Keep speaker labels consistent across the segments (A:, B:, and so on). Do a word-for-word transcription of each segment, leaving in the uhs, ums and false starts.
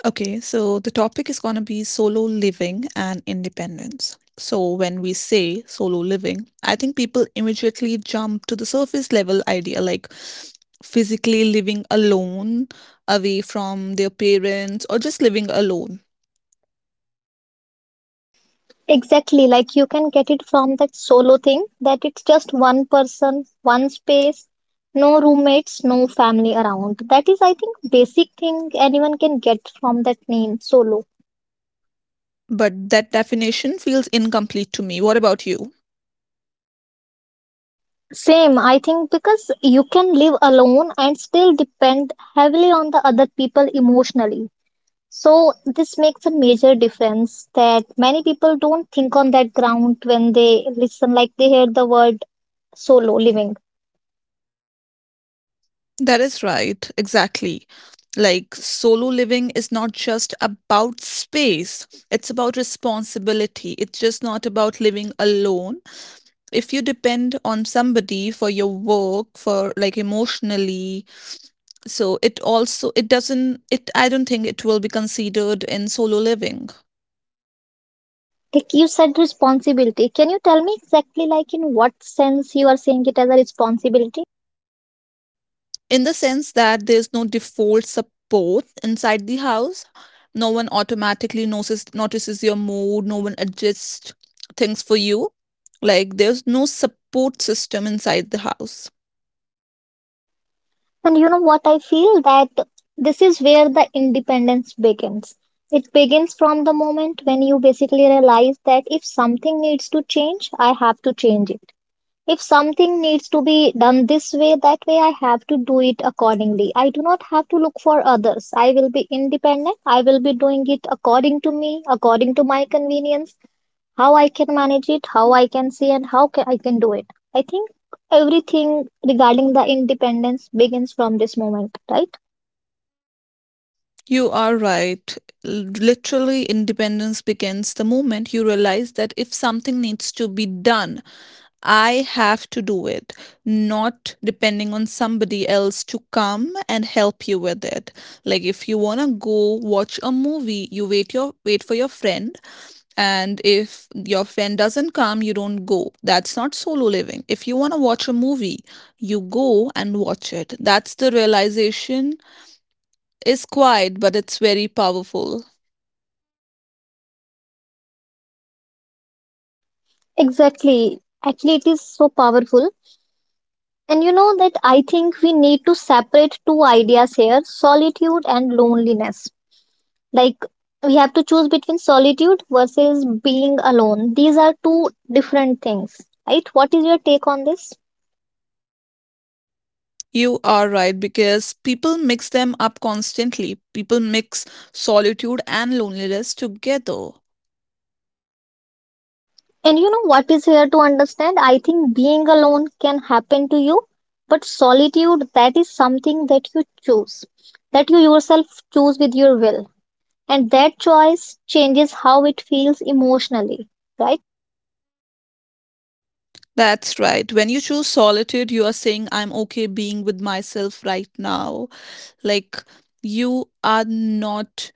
A: Okay, so the topic is going to be solo living and independence. So, when we say solo living, I think people immediately jump to the surface level idea like physically living alone, away from their parents, or just living alone.
B: Exactly, like you can get it from that solo thing that it's just one person, one space, no roommates, no family around. That is, I think, basic thing anyone can get from that name, solo.
A: But that definition feels incomplete to me. What about you?
B: Same, I think, because you can live alone and still depend heavily on the other people emotionally. So this makes a major difference that many people don't think on that ground when they listen, like they hear the word solo living.
A: That is right, exactly. Like, solo living is not just about space, it's about responsibility. It's just not about living alone if you depend on somebody for your work, for like, emotionally. So it also it doesn't it i don't think it will be considered in solo living,
B: Like you said, responsibility. Can you tell me exactly, like, in what sense you are seeing it as a responsibility?
A: in the sense that there's no default support inside the house. No one automatically notices notices your mood, no one adjusts things for you. Like, there's no support system inside the house.
B: And you know what? I feel that this is where the independence begins. It begins from the moment when you basically realize that if something needs to change, I have to change it. If something needs to be done this way, that way, I have to do it accordingly. I do not have to look for others. I will be independent. I will be doing it according to me, according to my convenience, how I can manage it, how I can see, and how ca I can do it. I think everything regarding the independence begins from this moment, right?
A: You are right. L- Literally, independence begins the moment you realize that if something needs to be done, I have to do it, not depending on somebody else to come and help you with it. Like, if you wanna go watch a movie, you wait your wait for your friend, and if your friend doesn't come, you don't go. That's not solo living. If you wanna watch a movie, you go and watch it. That's the realization is quiet, but it's very powerful.
B: Exactly. Actually, it is so powerful. And you know that I think we need to separate two ideas here, solitude and loneliness. Like, we have to choose between solitude versus being alone. These are two different things, right? What is your take on this?
A: You are right because people mix them up constantly. People mix solitude and loneliness together.
B: And you know what is here to understand? I think being alone can happen to you, but solitude, that is something that you choose, that you yourself choose with your will. And that choice changes how it feels emotionally, right?
A: That's right. When you choose solitude, you are saying, I'm okay being with myself right now. Like, you are not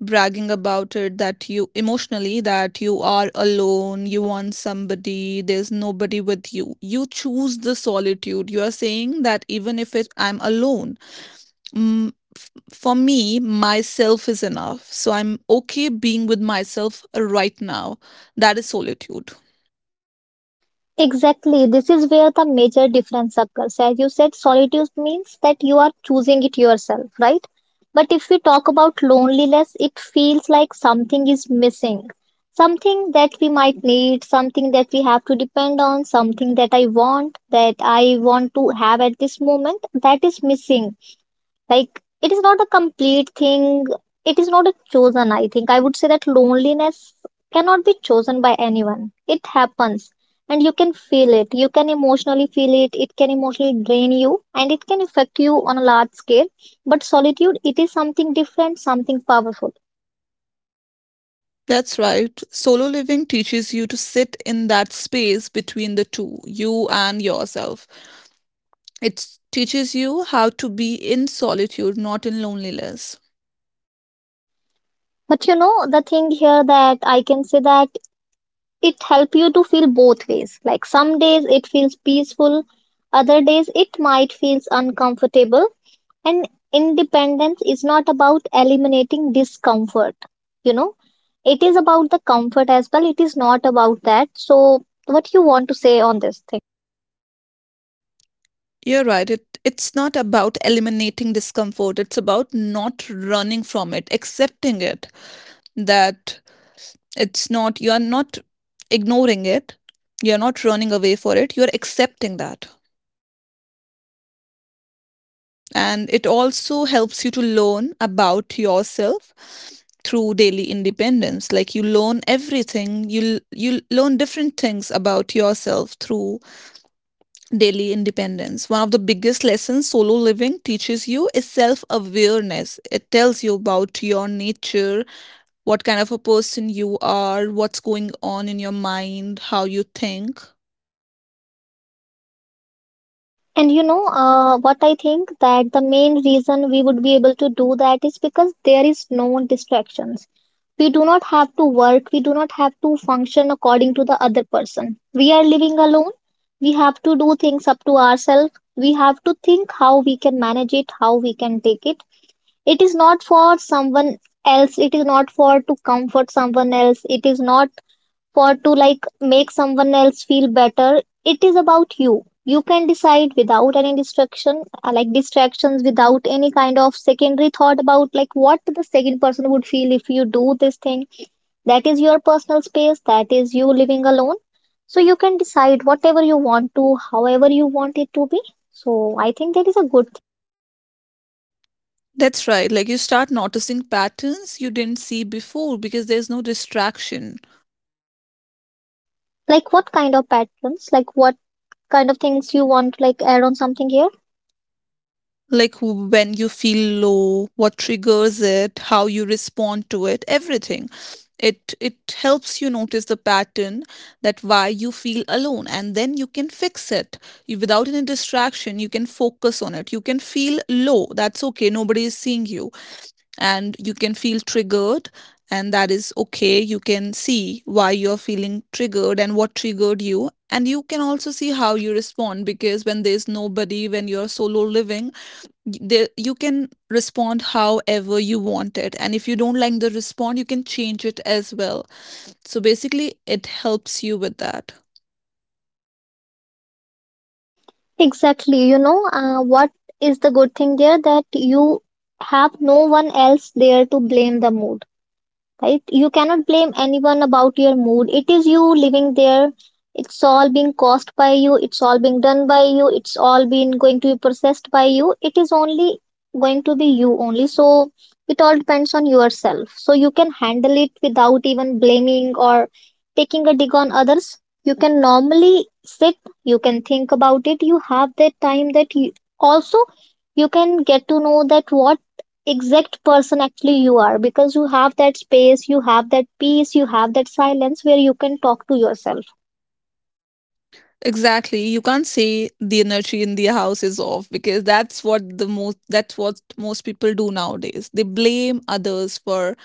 A: bragging about it, that you emotionally, that you are alone, you want somebody, there's nobody with you, you choose the solitude, you are saying that even if it I'm alone. Mm, f- for me, myself is enough. So I'm okay being with myself right now. That is solitude.
B: Exactly. This is where the major difference occurs. As you said, solitude means that you are choosing it yourself, right? But if we talk about loneliness, it feels like something is missing. Something that we might need, something that we have to depend on, something that I want, that I want to have at this moment, that is missing. Like, it is not a complete thing, it is not a chosen. I think I would say that loneliness cannot be chosen by anyone, it happens. And you can feel it. You can emotionally feel it. It can emotionally drain you and it can affect you on a large scale. But solitude, it is something different, something powerful.
A: That's right. Solo living teaches you to sit in that space between the two, you and yourself. It teaches you how to be in solitude, not in loneliness.
B: But you know, the thing here that I can say that it help you to feel both ways. Like some days it feels peaceful, other days it might feels uncomfortable. And independence is not about eliminating discomfort, you know, it is about the comfort as well. It is not about that. So, what you want to say on this thing?
A: You're right. It it's not about eliminating discomfort. It's about not running from it, accepting it. That It's not, you are not ignoring it, you're not running away for it, you're accepting that. And it also helps you to learn about yourself through daily independence. Like, you learn everything you you learn different things about yourself through daily independence. One of the biggest lessons solo living teaches you is self awareness. It tells you about your nature, what kind of a person you are, what's going on in your mind, how you think.
B: And you know, uh, what I think that the main reason we would be able to do that is because there is no distractions. We do not have to work, we do not have to function according to the other person. We are living alone, we have to do things up to ourselves, we have to think how we can manage it, how we can take it. It is not for someone else. It is not for to comfort someone else. It is not for to like make someone else feel better. It is about you. You can decide without any distraction, uh, like distractions, without any kind of secondary thought about like what the second person would feel if you do this thing. That is your personal space. That is you living alone. So you can decide whatever you want to, however you want it to be. So I think that is a good thing.
A: That's right. Like, you start noticing patterns you didn't see before because there's no distraction.
B: Like what kind of patterns? Like what kind of things you want to like add on something here?
A: Like, w- when you feel low, what triggers it, how you respond to it, everything. It it helps you notice the pattern, that why you feel alone, and then you can fix it. You Without any distraction, you can focus on it. You can feel low. That's okay. Nobody is seeing you, and you can feel triggered, and that is okay. You can see why you're feeling triggered and what triggered you, and you can also see how you respond, because when there's nobody, when you're solo living, there you can respond however you want it, and if you don't like the response, you can change it as well. So basically, it helps you with that.
B: Exactly. You know, uh, what is the good thing there that you have no one else there to blame the mood. Right? You cannot blame anyone about your mood. It is you living there. It's all being caused by you. It's all being done by you. It's all being going to be processed by you. It is only going to be you only. So it all depends on yourself. So you can handle it without even blaming or taking a dig on others. You can normally sit, you can think about it. You have that time that you also you can get to know that what exact person actually you are, because you have that space, you have that peace, you have that silence where you can talk to yourself.
A: Exactly. You can't say the energy in the house is off, because that's what the most that's what most people do nowadays. They blame others for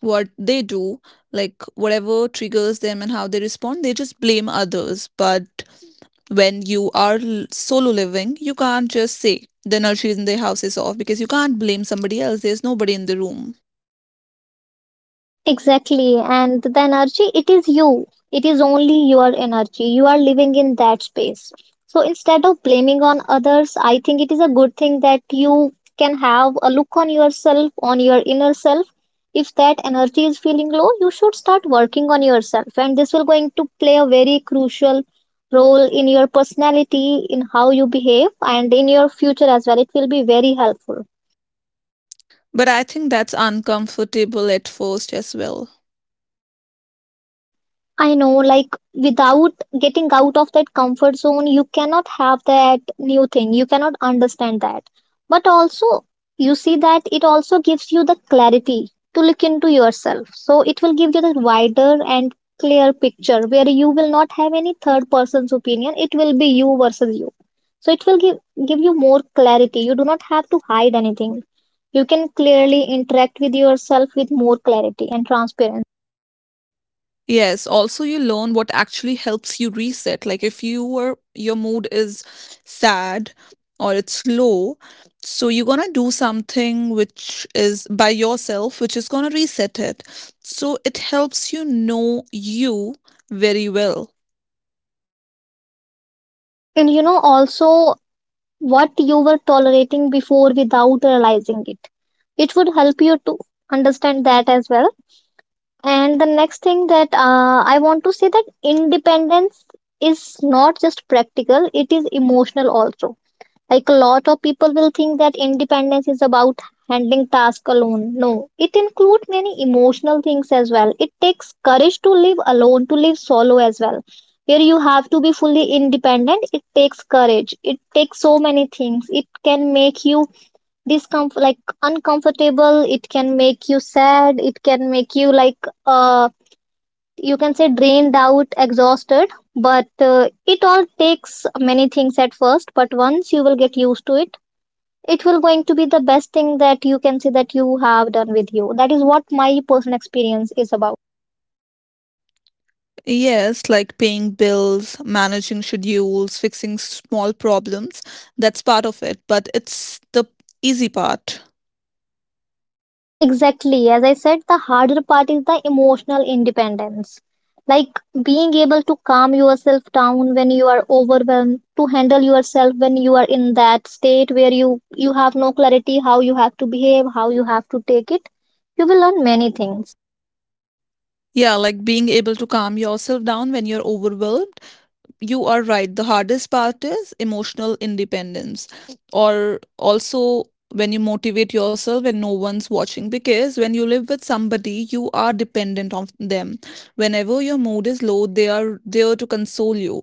A: what they do, like whatever triggers them and how they respond, they just blame others. But when you are l- solo living, you can't just say the nursery in the house is off, because you can't blame somebody else. There's nobody in the room.
B: Exactly. And the energy, it is you. It is only your energy. You are living in that space. So instead of blaming on others, I think it is a good thing that you can have a look on yourself, on your inner self. If that energy is feeling low, you should start working on yourself. And this will going to play a very crucial role in your personality, in how you behave, and in your future as well. It will be very helpful.
A: But I think that's uncomfortable at first as well.
B: I know, like without getting out of that comfort zone, you cannot have that new thing. You cannot understand that. But also, you see that it also gives you the clarity to look into yourself. So it will give you the wider and clear picture where you will not have any third person's opinion. It will be you versus you. So it will give give you more clarity. You do not have to hide anything. You can clearly interact with yourself with more clarity and transparency.
A: Yes, also, you learn what actually helps you reset. Like, if you were your mood is sad or it's low, so you're gonna do something which is by yourself, which is gonna reset it. So it helps you know you very well.
B: And you know also what you were tolerating before without realizing it. It would help you to understand that as well. And the next thing that uh, I want to say that independence is not just practical, it is emotional also. Like a lot of people will think that independence is about handling tasks alone. No, it includes many emotional things as well. It takes courage to live alone, to live solo as well. Where you have to be fully independent, it takes courage. It takes so many things. It can make you discomfort, like uncomfortable. It can make you sad. It can make you like uh, you can say drained out, exhausted, but uh, it all takes many things at first, but once you will get used to it, it will going to be the best thing that you can say that you have done with you. That is what my personal experience is about.
A: Yes, like paying bills, managing schedules, fixing small problems. That's part of it, but it's the easy part.
B: Exactly, as I said, the harder part is the emotional independence, like being able to calm yourself down when you are overwhelmed, to handle yourself when you are in that state where you you have no clarity how you have to behave, how you have to take it. You will learn many things.
A: Yeah, like being able to calm yourself down when you're overwhelmed. You are right. The hardest part is emotional independence, or also when you motivate yourself when no one's watching. Because when you live with somebody, you are dependent on them. Whenever your mood is low, they are there to console you,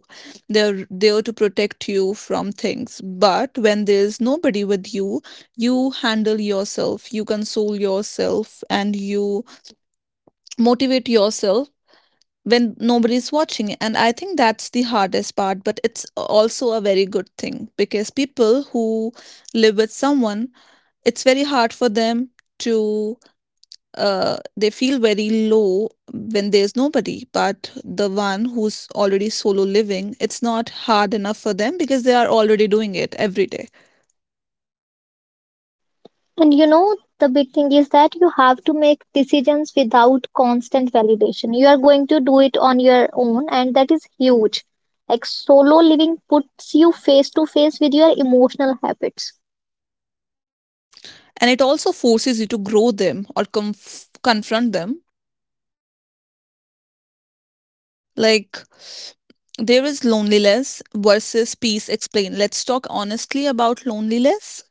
A: they're there to protect you from things. But when there's nobody with you, you handle yourself, you console yourself, and you motivate yourself when nobody's watching. And I think that's the hardest part, but it's also a very good thing, because people who live with someone, it's very hard for them to uh, they feel very low when there's nobody. But the one who's already solo living, it's not hard enough for them, because they are already doing it every day.
B: And you know, the big thing is that you have to make decisions without constant validation. You are going to do it on your own, and that is huge. Like solo living puts you face to face with your emotional habits.
A: And it also forces you to grow them or conf- confront them. Like, there is loneliness versus peace. Explain. Let's talk honestly about loneliness.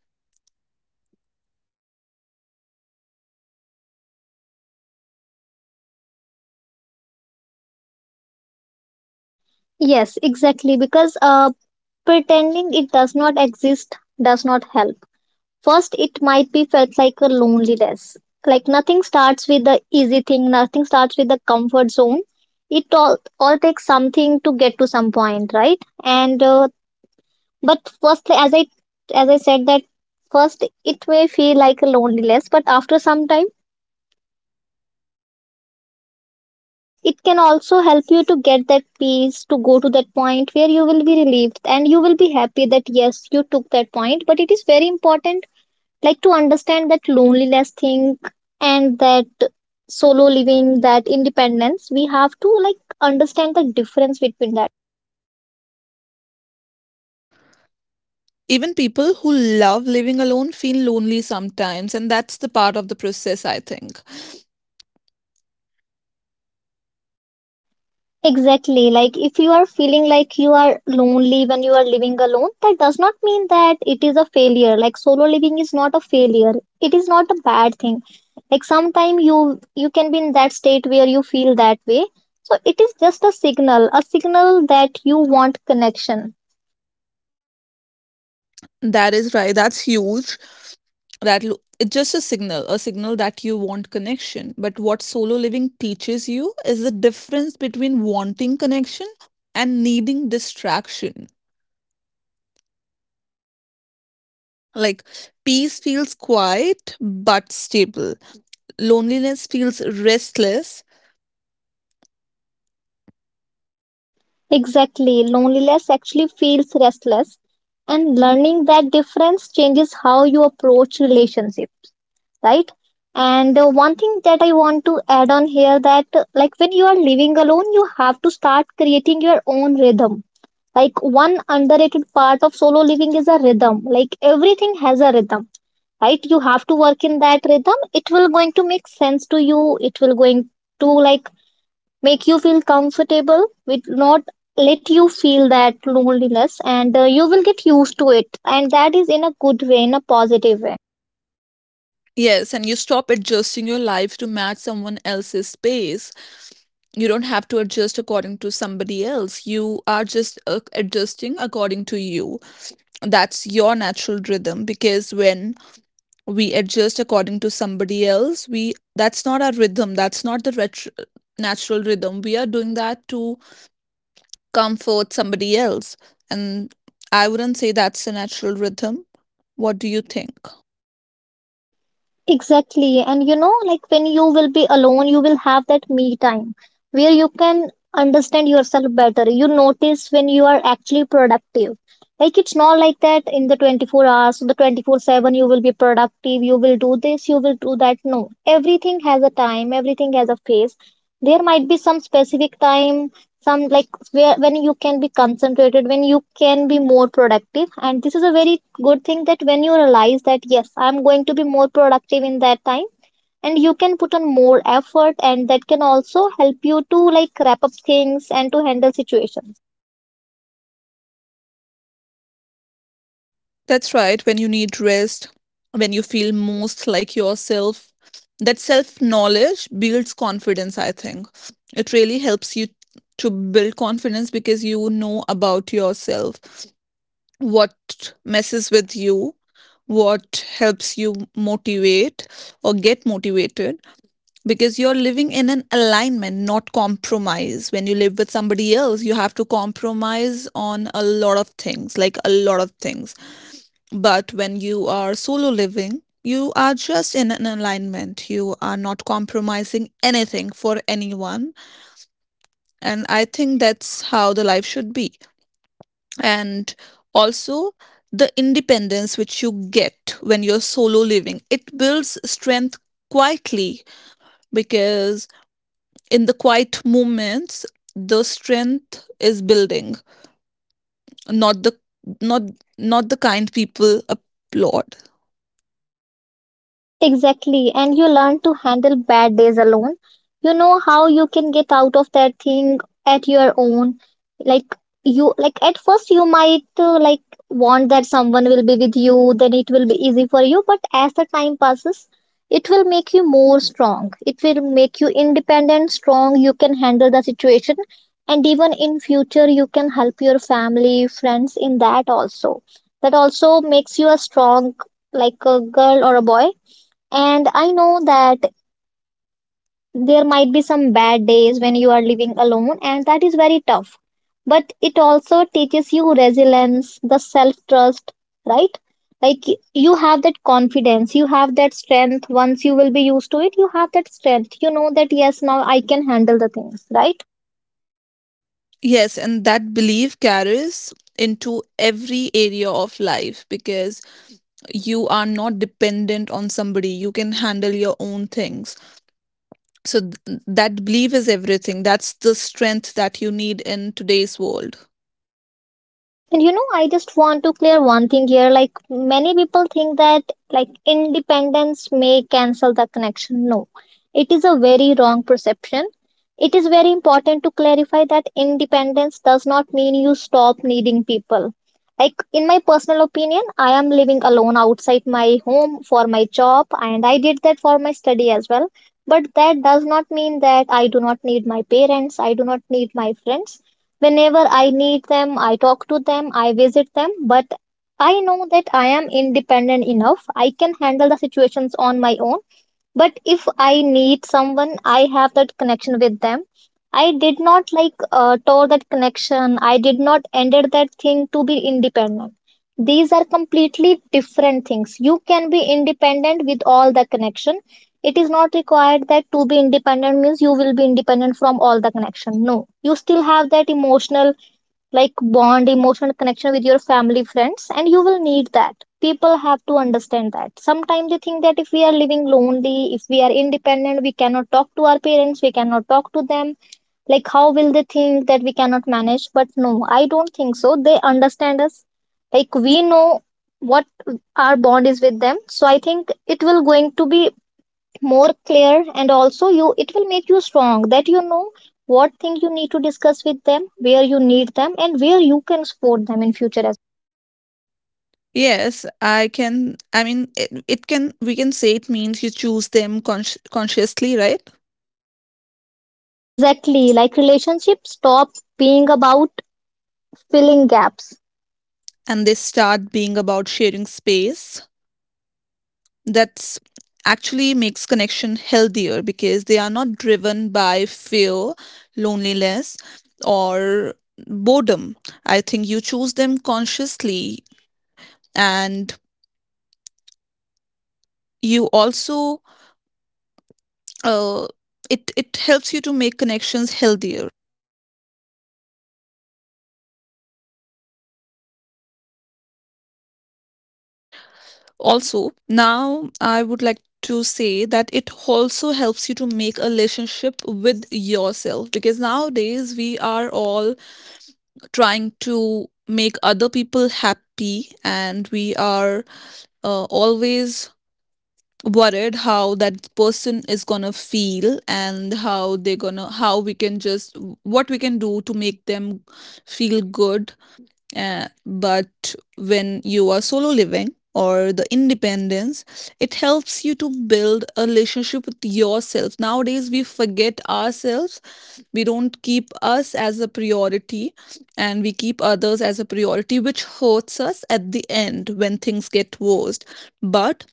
B: Yes, exactly. Because uh, pretending it does not exist does not help. First, it might be felt like a loneliness. Like nothing starts with the easy thing, nothing starts with the comfort zone. It all, all takes something to get to some point, right? And uh, but firstly as i as i said that first it may feel like a loneliness, but after some time it can also help you to get that peace, to go to that point where you will be relieved and you will be happy that yes you took that point. But it is very important, like, to understand that loneliness thing and that solo living, that independence. We have to like understand the difference between that.
A: Even people who love living alone feel lonely sometimes, and that's the part of the process, I think.
B: Exactly. Like if you are feeling like you are lonely when you are living alone, that does not mean that it is a failure. Like solo living is not a failure. It is not a bad thing. Like sometimes you you can be in that state where you feel that way. So it is just a signal, a signal that you want connection.
A: That is right, that's huge. That lo it's just a signal, a signal that you want connection. But what solo living teaches you is the difference between wanting connection and needing distraction. Like, peace feels quiet but stable. Loneliness feels restless.
B: Exactly. Loneliness actually feels restless, and learning that difference changes how you approach relationships. Right, and uh, one thing that I want to add on here that uh, like when you are living alone you have to start creating your own rhythm. Like one underrated part of solo living is a rhythm. Like everything has a rhythm, right? You have to work in that rhythm. It will going to make sense to you, it will going to like make you feel comfortable with not let you feel that loneliness. And uh, you will get used to it, and that is in a good way, in a positive way.
A: Yes, and you stop adjusting your life to match someone else's pace. You don't have to adjust according to somebody else. You are just uh, adjusting according to you. That's your natural rhythm, because when we adjust according to somebody else, we that's not our rhythm. That's not the retro, natural rhythm. We are doing that to comfort somebody else. And I wouldn't say that's a natural rhythm. What do you think?
B: Exactly. And you know, like when you will be alone, you will have that me time where you can understand yourself better. You notice when you are actually productive. Like it's not like that in the twenty-four hours, the twenty-four seven you will be productive, you will do this, you will do that. No. Everything has a time, everything has a phase. There might be some specific time, some like where when you can be concentrated, when you can be more productive, and this is a very good thing, that when you realize that yes, I'm going to be more productive in that time and you can put on more effort and that can also help you to like wrap up things and to handle situations.
A: That's right. When you need rest, when you feel most like yourself, that self knowledge builds confidence, I think. It really helps you to build confidence, because you know about yourself, what messes with you, what helps you motivate or get motivated, because you're living in an alignment, not compromise. When you live with somebody else, you have to compromise on a lot of things, like a lot of things. But when you are solo living, you are just in an alignment. You are not compromising anything for anyone. And I think that's how the life should be. And also, the independence which you get when you're solo living, it builds strength quietly, because in the quiet moments, the strength is building, not the not not the kind people applaud.
B: Exactly. And you learn to handle bad days alone. You know how you can get out of that thing at your own. Like you like At first you might uh, like want that someone will be with you, then it will be easy for you, but as the time passes, it will make you more strong. It will make you independent, strong, you can handle the situation, and even in future you can help your family, friends in that also. That also makes you a strong, like, a girl or a boy. And I know that there might be some bad days when you are living alone, and that is very tough. But it also teaches you resilience, the self trust, right? Like, you have that confidence, you have that strength. Once you will be used to it, you have that strength. You know that, yes, now I can handle the things, right?
A: Yes, and that belief carries into every area of life, because you are not dependent on somebody. You can handle your own things. So th- that belief is everything. That's the strength that you need in today's world.
B: And you know, I just want to clear one thing here. Like, many people think that like independence may cancel the connection. No, it is a very wrong perception. It is very important to clarify that independence does not mean you stop needing people. Like, in my personal opinion, I am living alone outside my home for my job and I did that for my study as well. But that does not mean that I do not need my parents, I do not need my friends. Whenever I need them, I talk to them, I visit them, but I know that I am independent enough. I can handle the situations on my own, but if I need someone I have that connection with them. I did not like uh, tore that connection, I did not ended that thing to be independent. These are completely different things. You can be independent with all the connection. It is not required that to be independent means you will be independent from all the connection. No, you still have that emotional, like, bond, emotional connection with your family, friends, and you will need that. People have to understand that. Sometimes they think that if we are living lonely, if we are independent, we cannot talk to our parents, we cannot talk to them. Like, how will they think that we cannot manage? But no, I don't think so. They understand us. Like, we know what our bond is with them. So I think it will going to be more clear, and also you it will make you strong that you know what thing you need to discuss with them, where you need them, and where you can support them in future as
A: Yes, I can. I mean, it, it can, we can say, it means you choose them consci- consciously, right?
B: well. Exactly. Like, relationship stop being about filling gaps.
A: And they start being about sharing space. That's actually makes connection healthier, because they are not driven by fear, loneliness, or boredom. I think you choose them consciously, and you also uh, it it helps you to make connections healthier. Also, now I would like to say that it also helps you to make a relationship with yourself, because nowadays we are all trying to make other people happy, and we are uh, always worried how that person is gonna feel, and how they're gonna how we can just what we can do to make them feel good. Uh, but when you are solo living, or the independence, it helps you to build a relationship with yourself. Nowadays, we forget ourselves. We don't keep us as a priority, and we keep others as a priority, which hurts us at the end when things get worse. But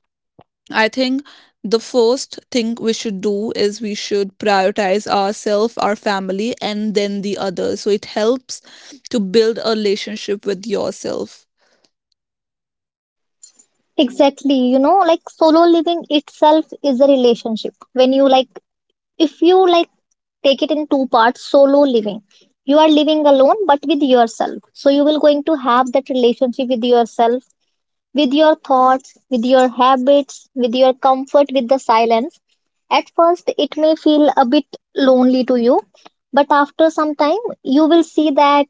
A: I think the first thing we should do is we should prioritize ourselves, our family, and then the others. So it helps to build a relationship with yourself.
B: Exactly. You know, like, solo living itself is a relationship. When you like, if you like, take it in two parts, solo living, you are living alone but with yourself, so you will going to have that relationship with yourself, with your thoughts, with your habits, with your comfort, with the silence. At first, it may feel a bit lonely to you, but after some time, you will see that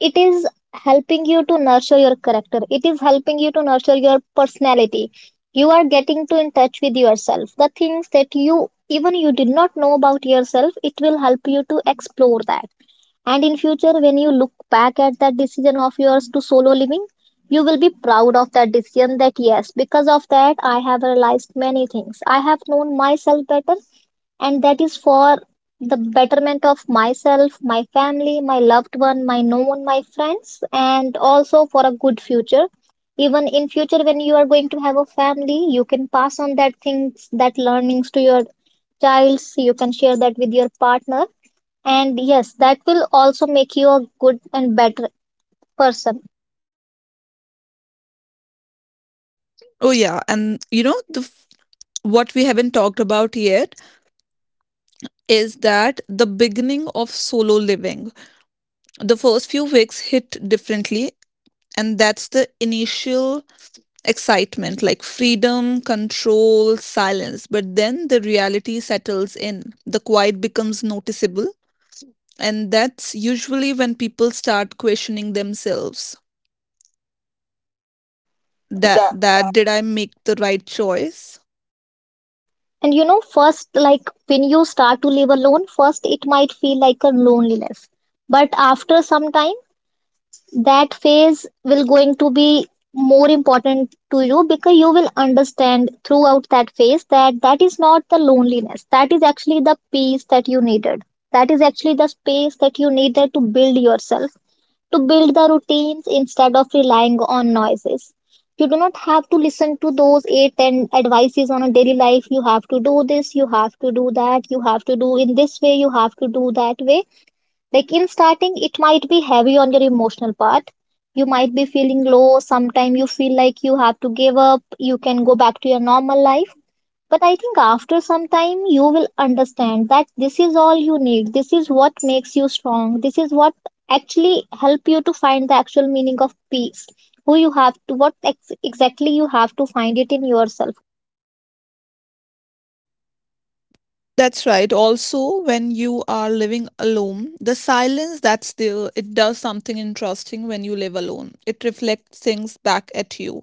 B: it is helping you to nurture your character, it is helping you to nurture your personality. You are getting to in touch with yourself. The things that you even you did not know about yourself, it will help you to explore that. And in future, when you look back at that decision of yours to solo living, you will be proud of that decision, that yes, because of that, I have realized many things. I have known myself better, and that is for the betterment of myself, my family, my loved one, my known, my friends, and also for a good future. Even in future, when you are going to have a family, you can pass on that things, that learnings to your childs. You can share that with your partner, and yes, that will also make you a good and better person.
A: Oh, yeah. And you know, the f- what we haven't talked about yet is that the beginning of solo living. The first few weeks hit differently, and that's the initial excitement, like freedom, control, silence. But then the reality settles in. The quiet becomes noticeable. And that's usually when people start questioning themselves. That,
B: That.
A: that did I make the right choice?
B: And you know, first, like, when you start to live alone, first it might feel like a loneliness. But after some time, that phase will going to be more important to you because you will understand throughout that phase that that is not the loneliness. That is actually the peace that you needed. That is actually the space that you needed to build yourself, to build the routines instead of relying on noises. You do not have to listen to those eight ten advices on a daily life. You have to do this, you have to do that, you have to do in this way, you have to do that way. Like in starting, it might be heavy on your emotional part. You might be feeling low. Sometimes you feel like you have to give up. You can go back to your normal life. But I think after some time, you will understand that this is all you need. This is what makes you strong. This is what actually help you to find the actual meaning of peace. Who you have to, what ex- exactly you have to find it in yourself.
A: That's right. Also, when you are living alone, the silence that's there, it does something interesting when you live alone. It reflects things back at you.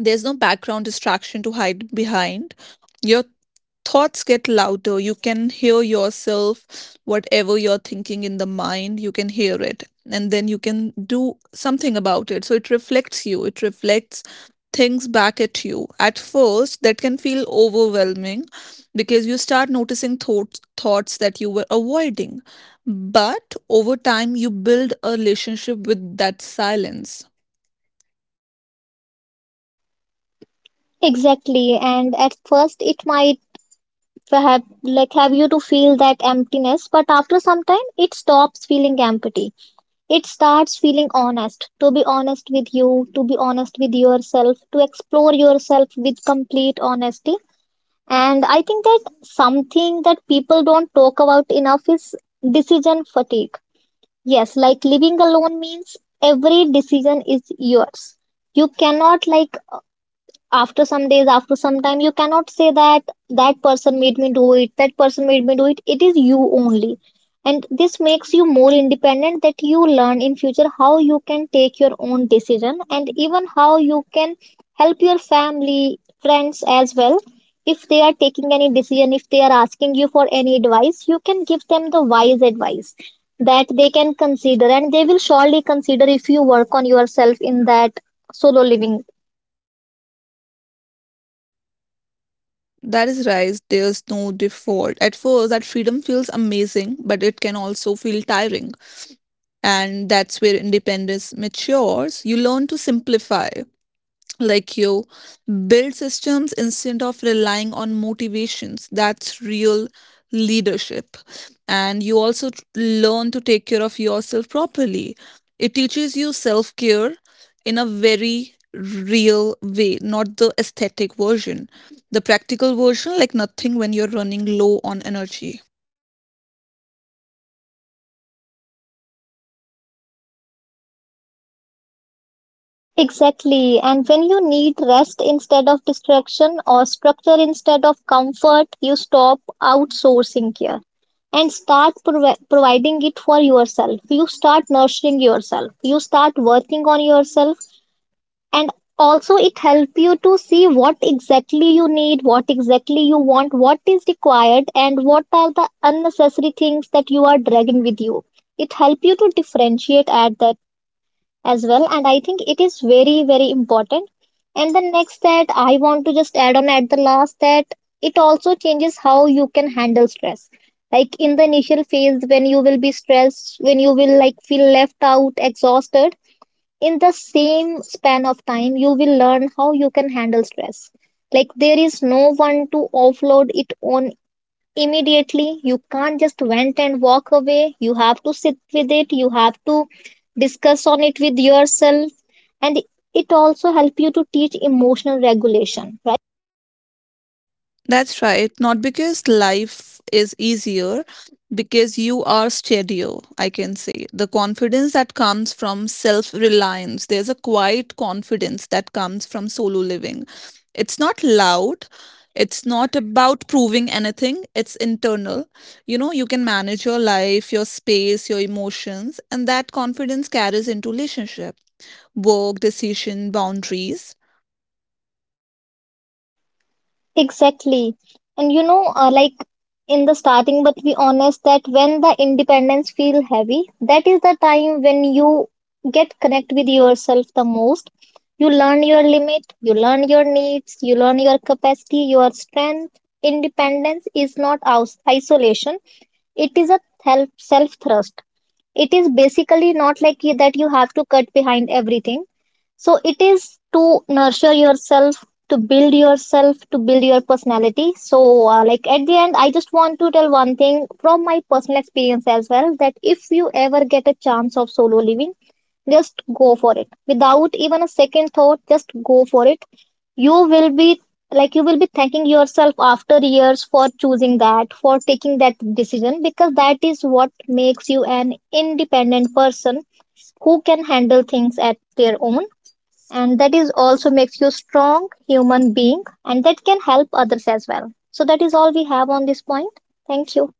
A: There's no background distraction to hide behind. Your thoughts get louder. You can hear yourself, whatever you're thinking in the mind, you can hear it. And then you can do something about it. So it reflects you, it reflects things back at you. At first, that can feel overwhelming, because you start noticing thoughts thoughts that you were avoiding. But over time, you build a relationship with that silence.
B: Exactly. And at first, it might have like have you to feel that emptiness, but after some time, it stops feeling empty. It starts feeling honest. To be honest with you, to be honest with yourself, to explore yourself with complete honesty. And I think that something that people don't talk about enough is decision fatigue. Yes, like, living alone means every decision is yours. You cannot like after some days, after some time you cannot say that that person made me do it that person made me do it, it is you only. And this makes you more independent, that you learn in future how you can take your own decision, and even how you can help your family, friends as well. If they are taking any decision, if they are asking you for any advice, you can give them the wise advice that they can consider, and they will surely consider if you work on yourself in that solo living.
A: That is right, there's no default. At first, that freedom feels amazing, but it can also feel tiring. And that's where independence matures. You learn to simplify. Like, you build systems instead of relying on motivations. That's real leadership. And you also t- learn to take care of yourself properly. It teaches you self care in a very real way, not the aesthetic version, the practical version, like nothing when you're running low on energy.
B: Exactly. And when you need rest instead of distraction, or structure instead of comfort, you stop outsourcing care and start provi- providing it for yourself. You start nurturing yourself. You start working on yourself. And also, it helps you to see what exactly you need, what exactly you want, what is required, and what are the unnecessary things that you are dragging with you. It helps you to differentiate at that as well, and I think it is very very important. And the next that I want to just add on at the last, that it also changes how you can handle stress. Like in the initial phase, when you will be stressed, when you will like feel left out, exhausted, in the same span of time you will learn how you can handle stress. Like, there is no one to offload it on immediately. You can't just vent and walk away. You have to sit with it. You have to discuss on it with yourself. And it also help you to teach emotional regulation, right?
A: That's right. Not because life is easier, because you are steadier, I can say. The confidence that comes from self reliance, there's a quiet confidence that comes from solo living. It's not loud, it's not about proving anything, it's internal. You know, you can manage your life, your space, your emotions, and that confidence carries into relationship, work, decision, boundaries.
B: Exactly. And you know, uh, like in the starting, but be honest, that when the independence feel heavy, that is the time when you get connect with yourself the most. You learn your limit, you learn your needs, you learn your capacity, your strength. Independence is not aus- isolation. It is a self self thrust. It is basically not like you, that you have to cut behind everything, so it is to nurture yourself, to build yourself, to build your personality. So, uh, like at the end, I just want to tell one thing from my personal experience as well, that if you ever get a chance of solo living, just go for it without even a second thought, just go for it. You will be like you will be thanking yourself after years for choosing that, for taking that decision, because that is what makes you an independent person who can handle things at their own. And that is also makes you strong human being, and that can help others as well. So that is all we have on this point. Thank you.